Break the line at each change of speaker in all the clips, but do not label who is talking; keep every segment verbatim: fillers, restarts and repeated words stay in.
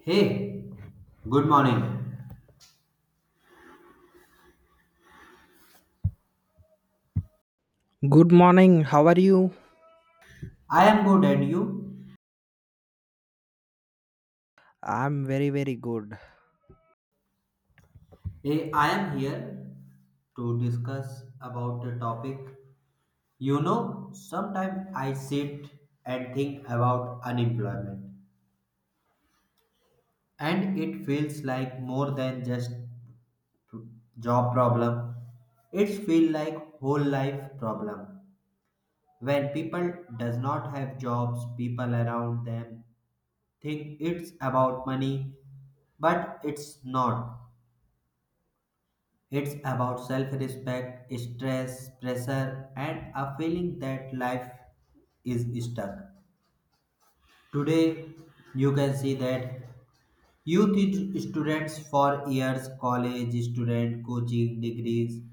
Hey, good morning.
Good morning. How are you?
I am good and you?
I'm very, very good.
Hey, I am here to discuss about a topic. You know, sometimes I sit and think about unemployment and it feels like more than just job problem. It feels like whole life problem. When people does not have jobs, people around them think it's about money, but it's not. It's about self respect, stress, pressure, and a feeling that life is stuck. Today, you can see that you teach students for years, college student, coaching degrees,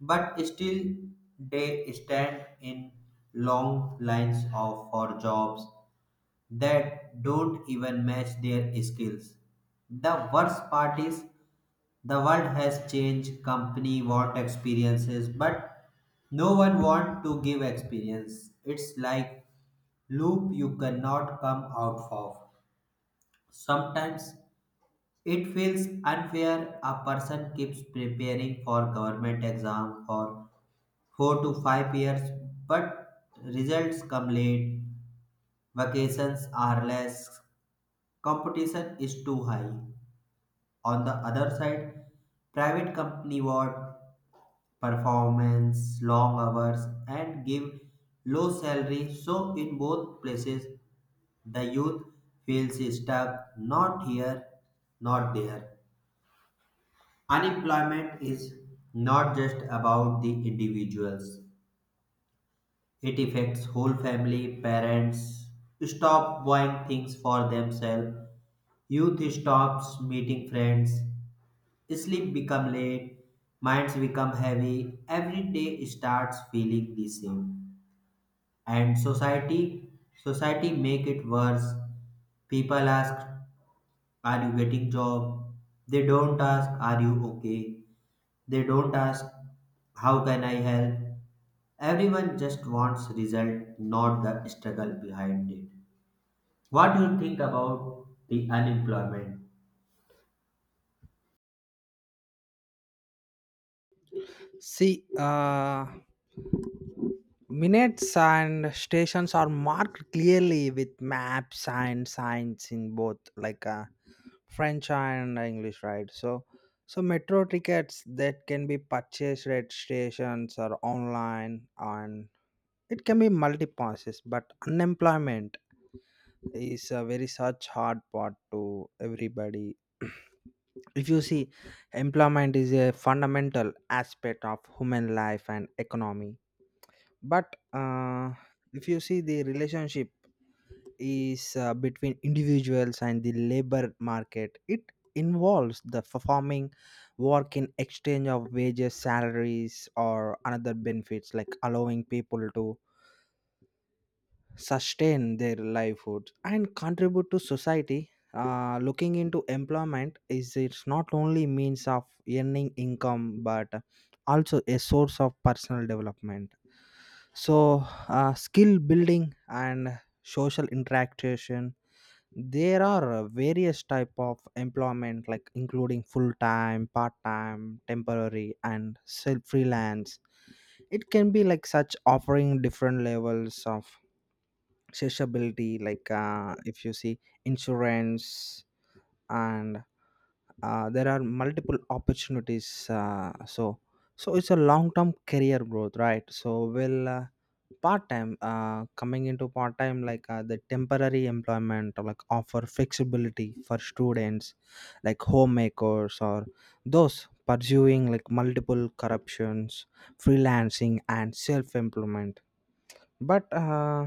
but still they stand in long lines of for jobs that don't even match their skills. The worst part is the world has changed, company want experiences, but no one want to give experience. It's like loop you cannot come out of. Sometimes it feels unfair a person keeps preparing for government exam for four to five years but results come late, vacations are less, competition is too high. On the other side, private company what performance, long hours, and give low salary. So, in both places, the youth feels stuck, not here, not there. Unemployment is not just about the individuals, it affects whole family, parents stop buying things for themselves, youth stops meeting friends, sleep become late, minds become heavy, every day starts feeling the same. And society society make it worse. People ask, are you getting job? They don't ask, are you okay? They don't ask, how can I help? Everyone just wants result, not the struggle behind it. What do you think about the unemployment?
See, uh, minutes and stations are marked clearly with maps and signs in both, like uh, French and English, right? So, so metro tickets that can be purchased at stations or online, and it can be multi passes. But unemployment is a very such hard part to everybody. If you see, employment is a fundamental aspect of human life and economy, but uh, if you see, the relationship is uh, between individuals and the labor market. It involves the performing work in exchange of wages, salaries, or another benefits, like allowing people to sustain their livelihood and contribute to society. Uh, looking into employment, is it's not only means of earning income but also a source of personal development. So uh, skill building and social interaction. There are various type of employment, like including full time, part time, temporary, and self freelance. It can be like such offering different levels of accessibility. Like uh, if you see insurance, and uh, there are multiple opportunities. Uh, so so it's a long term career growth, right? So will uh, part time, uh, coming into part time, like uh, the temporary employment, or like offer flexibility for students, like homemakers, or those pursuing like multiple corruptions. Freelancing and self employment, but uh,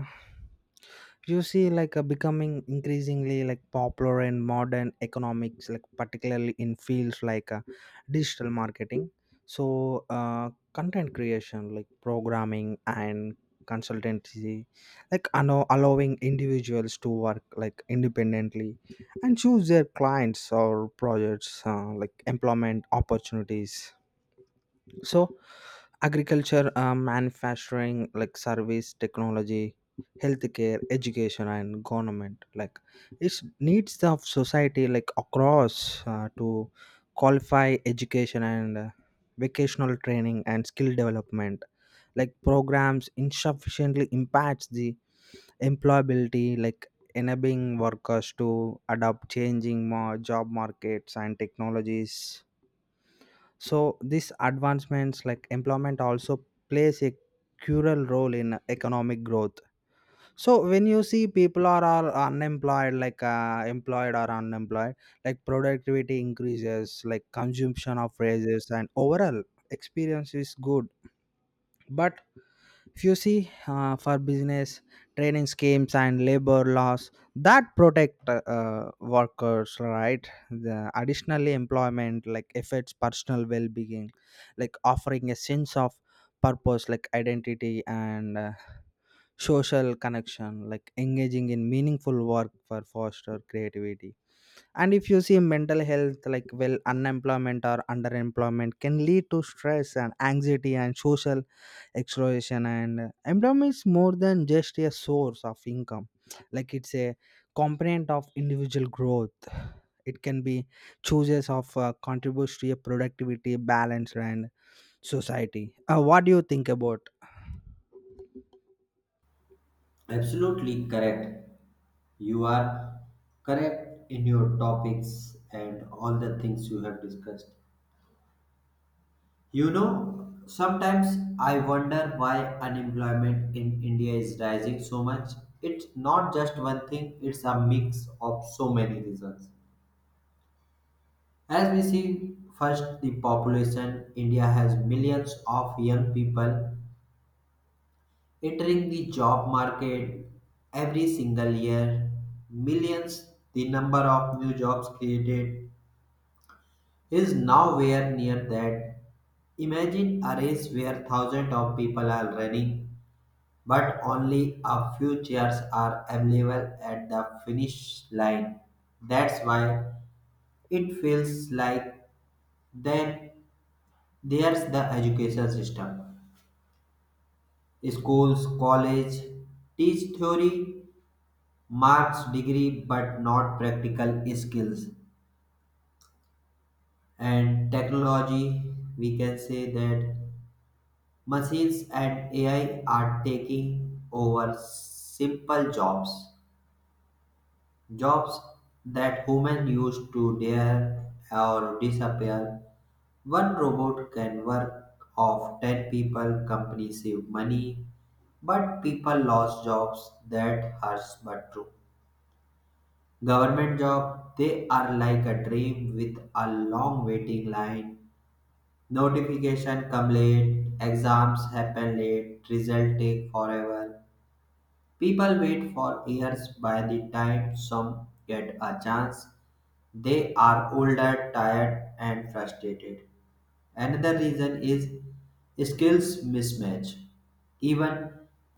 you see like uh, becoming increasingly like popular in modern economics, like particularly in fields like uh, digital marketing, so uh, content creation, like programming and consultancy, like allow- allowing individuals to work like independently and choose their clients or projects, uh, like employment opportunities. So agriculture, uh, manufacturing, like service, technology, healthcare, education, and government, like it needs of society, like across uh, to qualify education and uh, vocational training and skill development, like programs insufficiently impacts the employability, like enabling workers to adopt changing more job markets and technologies. So these advancements, like employment, also plays a crucial role in economic growth. So when you see people are, are unemployed, like uh, employed or unemployed, like productivity increases, like consumption of raises, and overall experience is good. But if you see, uh, for business training schemes and labor laws that protect uh, uh, workers right, the additionally employment like affects personal well-being, like offering a sense of purpose, like identity, and uh, social connection, like engaging in meaningful work for foster creativity. And if you see mental health, like well, unemployment or underemployment can lead to stress and anxiety and social exploration. And employment is more than just a source of income, like it's a component of individual growth. It can be chooses of uh, contributes to a productivity balance and society. Uh, what do you think about?
Absolutely correct. You are correct in your topics and all the things you have discussed. You know, sometimes I wonder why unemployment in India is rising so much. It's not just one thing, it's a mix of so many reasons. As we see, first the population, India has millions of young people entering the job market every single year. Millions, the number of new jobs created is nowhere near that. Imagine a race where thousands of people are running but only a few chairs are available at the finish line. That's why it feels like then there's the education system. Schools, college teach theory, marks, degree, but not practical skills. And technology, we can say that machines and A I are taking over simple jobs. Jobs that humans used to dare or disappear. One robot can work of ten people, companies save money, but people lost jobs. That hurts but true. Government job, they are like a dream with a long waiting line. Notification come late, exams happen late, result take forever. People wait for years by the time some get a chance. They are older, tired, and frustrated. Another reason is skills mismatch. Even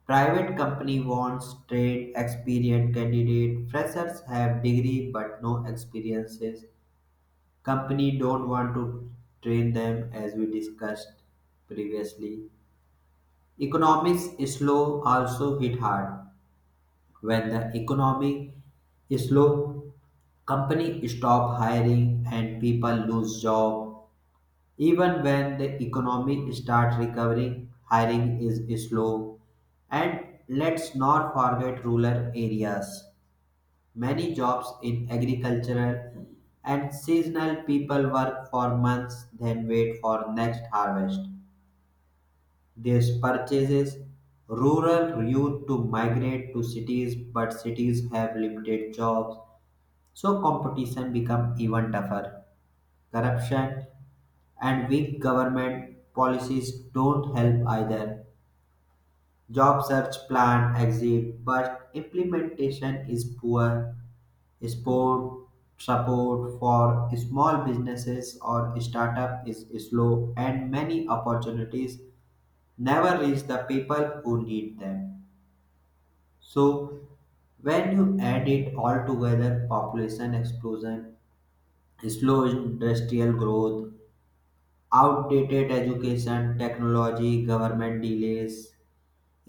private company wants trained, experienced candidate. Freshers have degree but no experiences. Company don't want to train them as we discussed previously. Economics slow also hit hard. When the economy is slow, companies stop hiring and people lose jobs. Even when the economy starts recovering, hiring is slow. And let's not forget rural areas. Many jobs in agricultural and seasonal people work for months then wait for next harvest. This purchases rural youth to migrate to cities, but cities have limited jobs, so competition becomes even tougher. Corruption and weak government policies don't help either. Job search plan exists, but implementation is poor. Sport support for small businesses or startup is slow, and many opportunities never reach the people who need them. So when you add it all together, population explosion, slow industrial growth, outdated education, technology, government delays,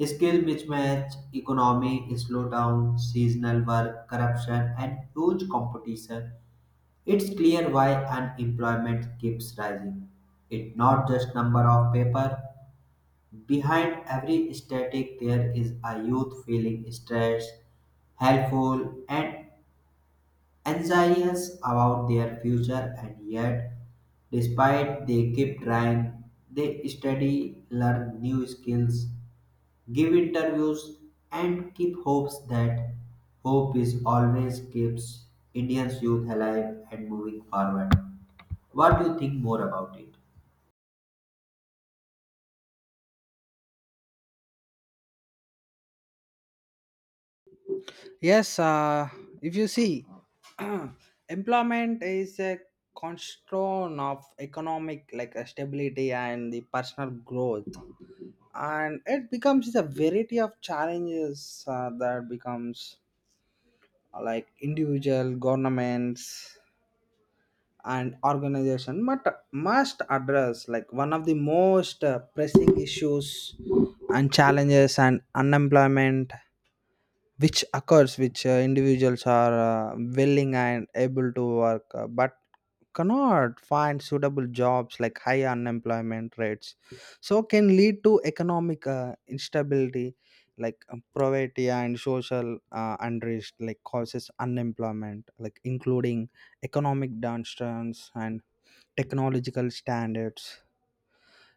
skill mismatch, economic slowdown, seasonal work, corruption, and huge competition, it's clear why unemployment keeps rising. It's not just number of paper. Behind every static, there is a youth feeling stressed, helpful, and anxious about their future. And yet despite, they keep trying. They study, learn new skills, give interviews, and keep hopes that hope is always keeps indians youth alive and moving forward. What do you think more about it?
Yes, uh, if you see, employment is a cornerstone of economic, like uh, stability and the personal growth. And it becomes a variety of challenges uh, that becomes like individual governments and organization, but must address like one of the most uh, pressing issues and challenges, and unemployment which occurs, which uh, individuals are uh, willing and able to work, uh, but cannot find suitable jobs, like high unemployment rates, so can lead to economic uh, instability, like uh, poverty and social uh, unrest, like causes unemployment, like including economic downturns and technological standards.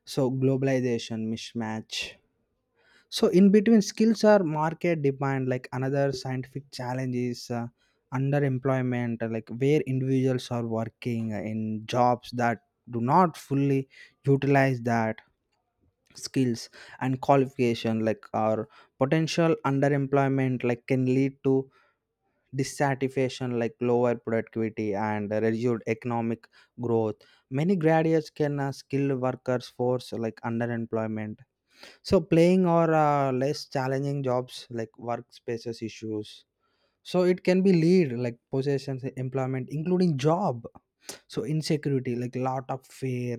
So globalization mismatch, so in between skills are market demand, like another scientific challenge is uh, underemployment, uh, like where individuals are working in jobs that do not fully utilize that skills and qualification, like or potential underemployment, like can lead to dissatisfaction, like lower productivity and reduced economic growth. Many graduates can uh, skilled workers force like underemployment, so playing or uh, less challenging jobs, like workspaces issues. So it can be lead like possessions, employment, including job. So insecurity, like lot of fear,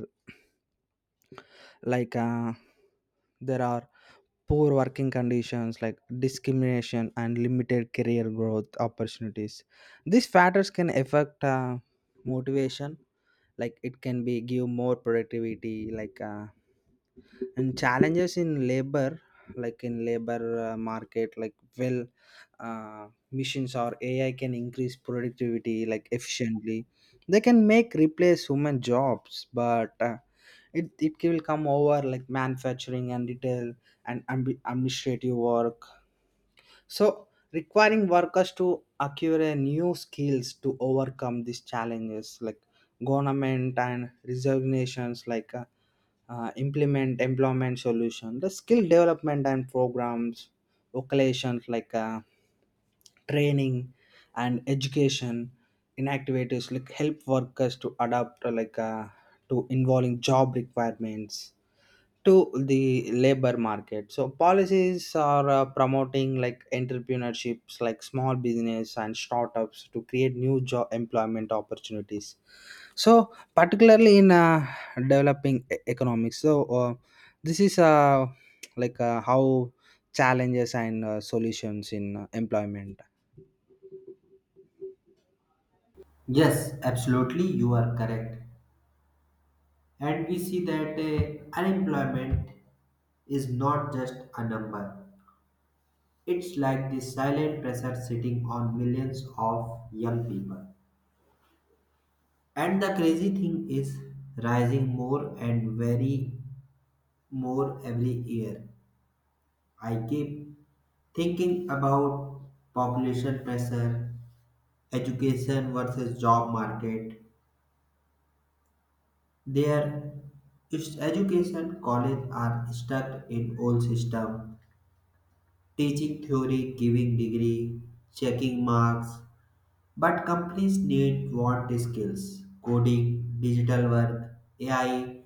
like uh, there are poor working conditions, like discrimination and limited career growth opportunities. These factors can affect uh, motivation. Like it can be give more productivity, like uh, and challenges in labor, like in labor uh, market, like well uh, machines or A I can increase productivity like efficiently. They can make replace human jobs, but uh, it, it will come over like manufacturing and retail and ambi- administrative work. So requiring workers to acquire a new skills to overcome these challenges, like government and resignations, like uh, uh, implement employment solution, the skill development and programs occupations, like uh, training and education in activities, like help workers to adapt, uh, like uh, to involving job requirements to the labor market. So policies are uh, promoting like entrepreneurships, like small business and startups to create new job employment opportunities, so particularly in uh, developing e- economics, so uh, this is uh, like uh, how challenges and uh, solutions in uh, employment.
Yes, absolutely, you are correct. And we see that uh, unemployment is not just a number. It's like this silent pressure sitting on millions of young people. And the crazy thing is rising more and very more every year. I keep thinking about population pressure, education versus job market. There is education college are stuck in old system, teaching theory, giving degree, checking marks. But companies need want skills coding, digital work, A I,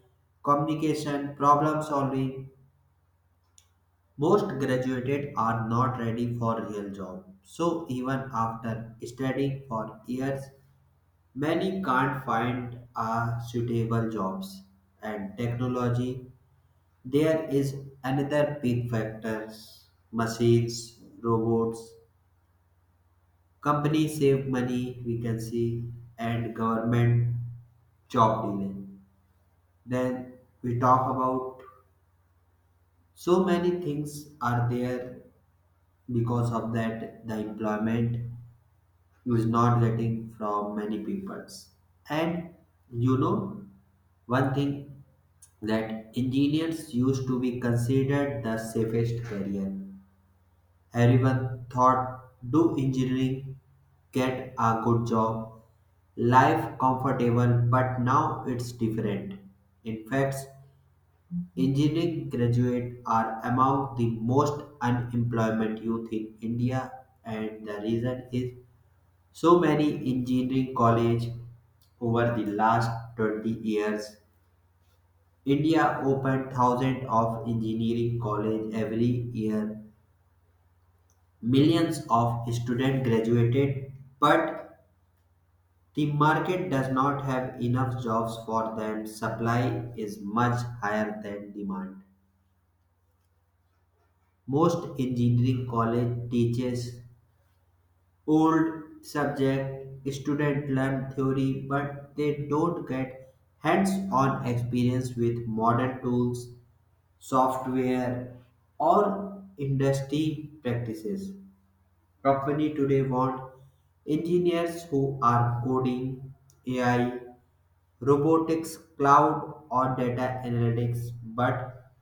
communication, problem solving. Most graduated are not ready for real job. So even after studying for years, many can't find a suitable jobs. And technology, there is another big factors: machines, robots, companies save money, we can see, and government job delay. Then we talk about so many things are there because of that the employment is not getting from many peoples. And you know one thing that engineers used to be considered the safest career. Everyone thought, do engineering, get a good job, life comfortable, but now it's different. In fact, engineering graduates are among the most unemployment youth in India, and the reason is so many engineering college over the last twenty years. India opened thousands of engineering college every year. Millions of students graduated, but the market does not have enough jobs for them. Supply is much higher than demand. Most engineering college teaches old subject. Students learn theory, but they don't get hands-on experience with modern tools, software, or industry practices. Company today want engineers who are coding, A I, robotics, cloud or data analytics, but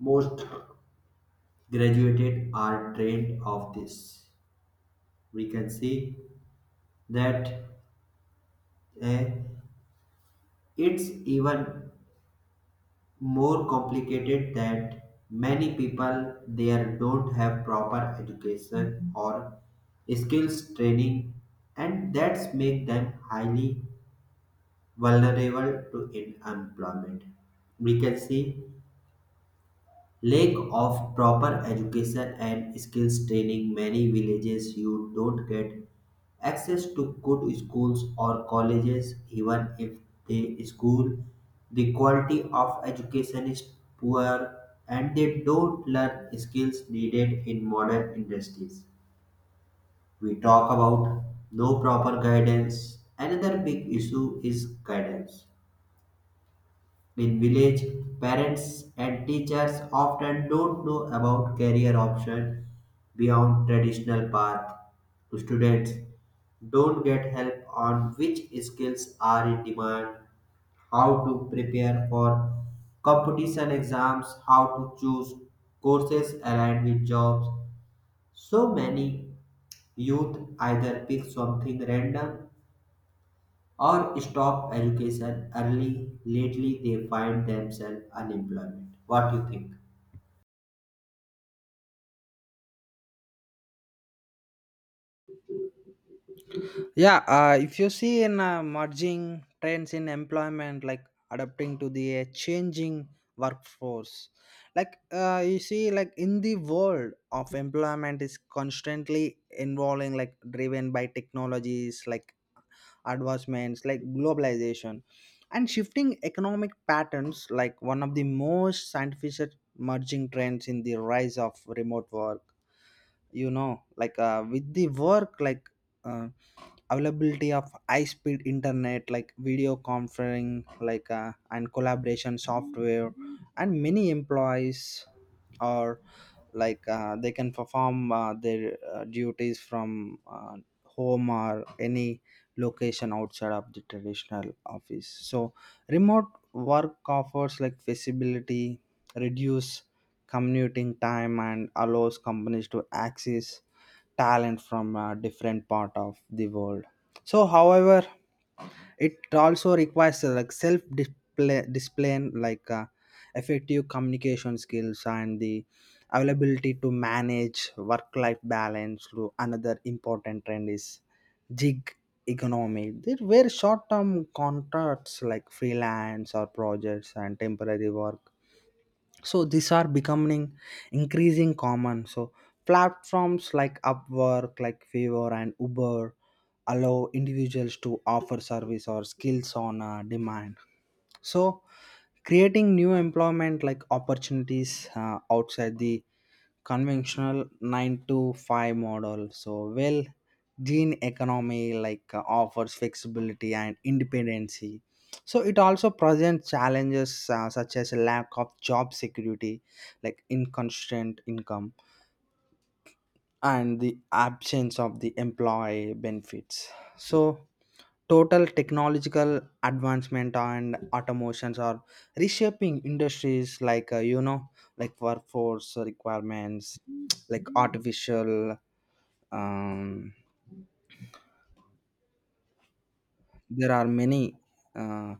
most graduated are drained of this. We can see that eh, it's even more complicated that many people there don't have proper education or skills training, and that's make them highly vulnerable to unemployment. We can see lack of proper education and skills training. Many villages you don't get access to good schools or colleges even if they school. The quality of education is poor and they don't learn skills needed in modern industries. We talk about no proper guidance. Another big issue is guidance. In village, parents and teachers often don't know about career options beyond traditional path. Students don't get help on which skills are in demand, how to prepare for competition exams, how to choose courses aligned with jobs. So many youth either pick something random or stop education early lately they find themselves unemployment. What do you think?
Yeah, uh, if you see in uh, merging trends in employment, like adapting to the uh, changing workforce, like uh, you see, like in the world of employment is constantly involving, like driven by technologies, like advancements, like globalization and shifting economic patterns, like one of the most scientific merging trends in the rise of remote work. You know, like uh, with the work, like uh, availability of high speed internet, like video conferencing, like uh, and collaboration software. And many employees are, like uh, they can perform uh, their uh, duties from uh, home or any location outside of the traditional office. So remote work offers like flexibility, reduce commuting time, and allows companies to access talent from a different part of the world. So however, it also requires uh, like self display displaying like uh, effective communication skills and the availability to manage work life balance through. Another important trend is gig economy. There were short term contracts, like freelance or projects and temporary work, so these are becoming increasing common. So platforms like Upwork, like Fiverr and Uber allow individuals to offer service or skills on uh, demand, so creating new employment like opportunities uh, outside the conventional nine to five model. So well, gene economy, like uh, offers flexibility and independency, so it also presents challenges uh, such as lack of job security, like inconstant income and the absence of the employee benefits. So total technological advancement and automations are reshaping industries, like uh, you know, like workforce requirements, like artificial um, there are many uh,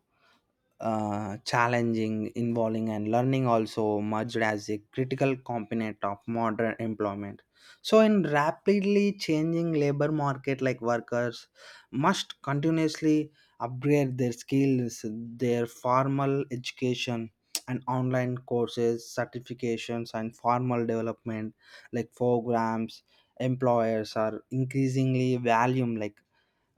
uh, challenging, involving, and learning also merged as a critical component of modern employment. So in rapidly changing labor market, like workers must continuously upgrade their skills, their formal education, and online courses, certifications, and formal development like programs. Employers are increasingly valuing like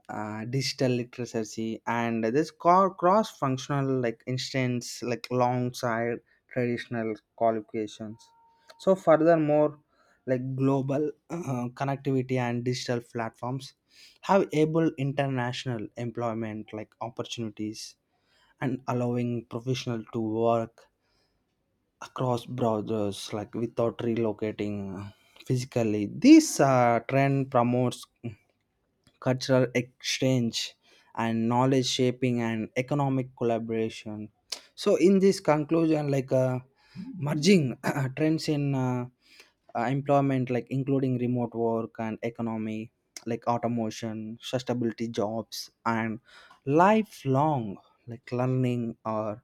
uh, digital literacy and this cross functional, like instance, like alongside traditional qualifications. So furthermore, like global uh, connectivity and digital platforms have able international employment like opportunities and allowing professional to work across borders, like without relocating physically. This uh, trend promotes cultural exchange and knowledge shaping and economic collaboration. So in this conclusion, like uh, merging trends in uh, uh, employment, like including remote work and economy, like automation, sustainability jobs, and lifelong like learning, or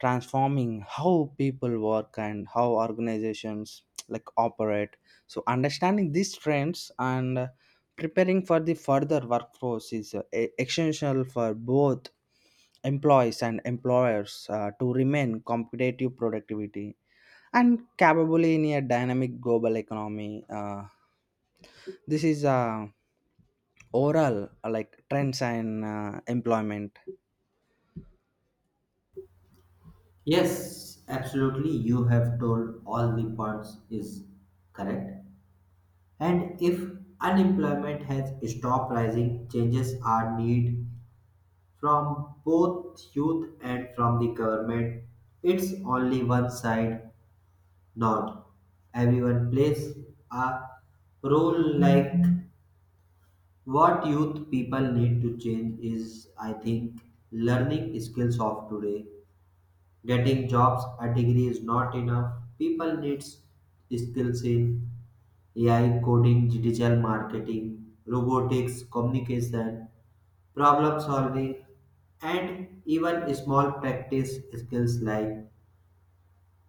transforming how people work and how organizations like operate. So understanding these trends and uh, preparing for the further workforce is uh, e- essential for both employees and employers uh, to remain competitive productivity and capable in a dynamic global economy. Uh, this is uh, overall uh, like trends and uh, employment.
Yes, absolutely, you have told all the points is correct. And if unemployment has stopped rising, changes are needed from both youth and from the government. It's only one side, not everyone plays a role. Like, what youth people need to change is, I think, learning skills of today. Getting jobs, a degree is not enough. People needs skills in A I coding, digital marketing, robotics, communication, problem solving, and even small practice skills like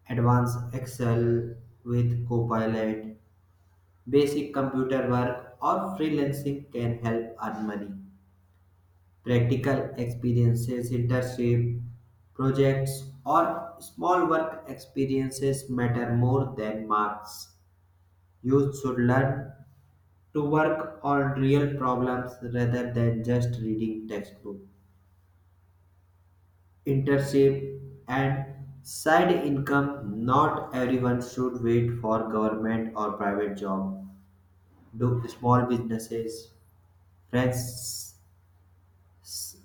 advanced Excel with Copilot, basic computer work, or freelancing can help earn money. Practical experiences, internship, projects, or small work experiences matter more than marks. Youth should learn to work on real problems rather than just reading textbook. Internship and side income, not everyone should wait for government or private job. Do small businesses, friends,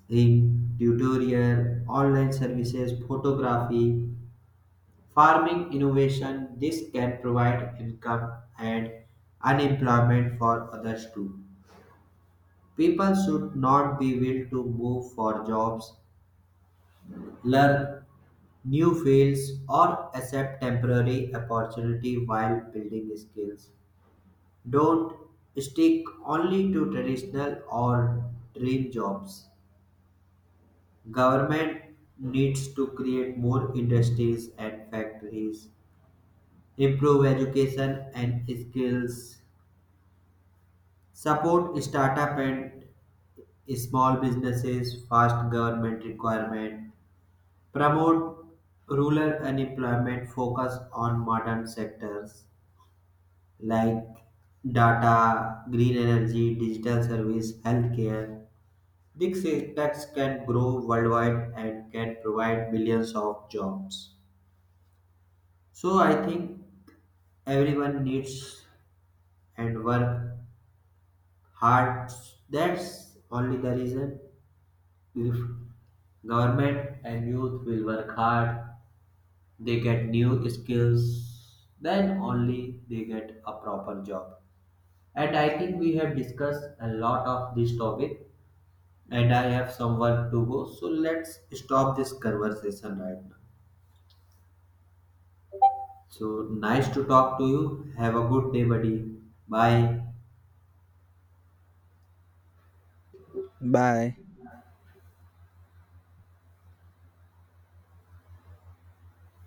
in tutorial, online services, photography, farming, innovation. This can provide income and unemployment for others too. People should not be willing to move for jobs, learn new fields, or accept temporary opportunity while building skills. Don't stick only to traditional or dream jobs. Government needs to create more industries and factories, improve education and skills, support startup and small businesses, fast government requirement, promote rural unemployment, focus on modern sectors like data, green energy, digital service, healthcare. These sectors can grow worldwide and can provide millions of jobs. So I think everyone needs and work hard. That's only the reason. If government and youth will work hard, they get new skills, then only they get a proper job. And I think we have discussed a lot of this topic, and I have some work to go. So let's stop this conversation right now. So nice to talk to you. Have a good day, buddy. Bye.
Bye.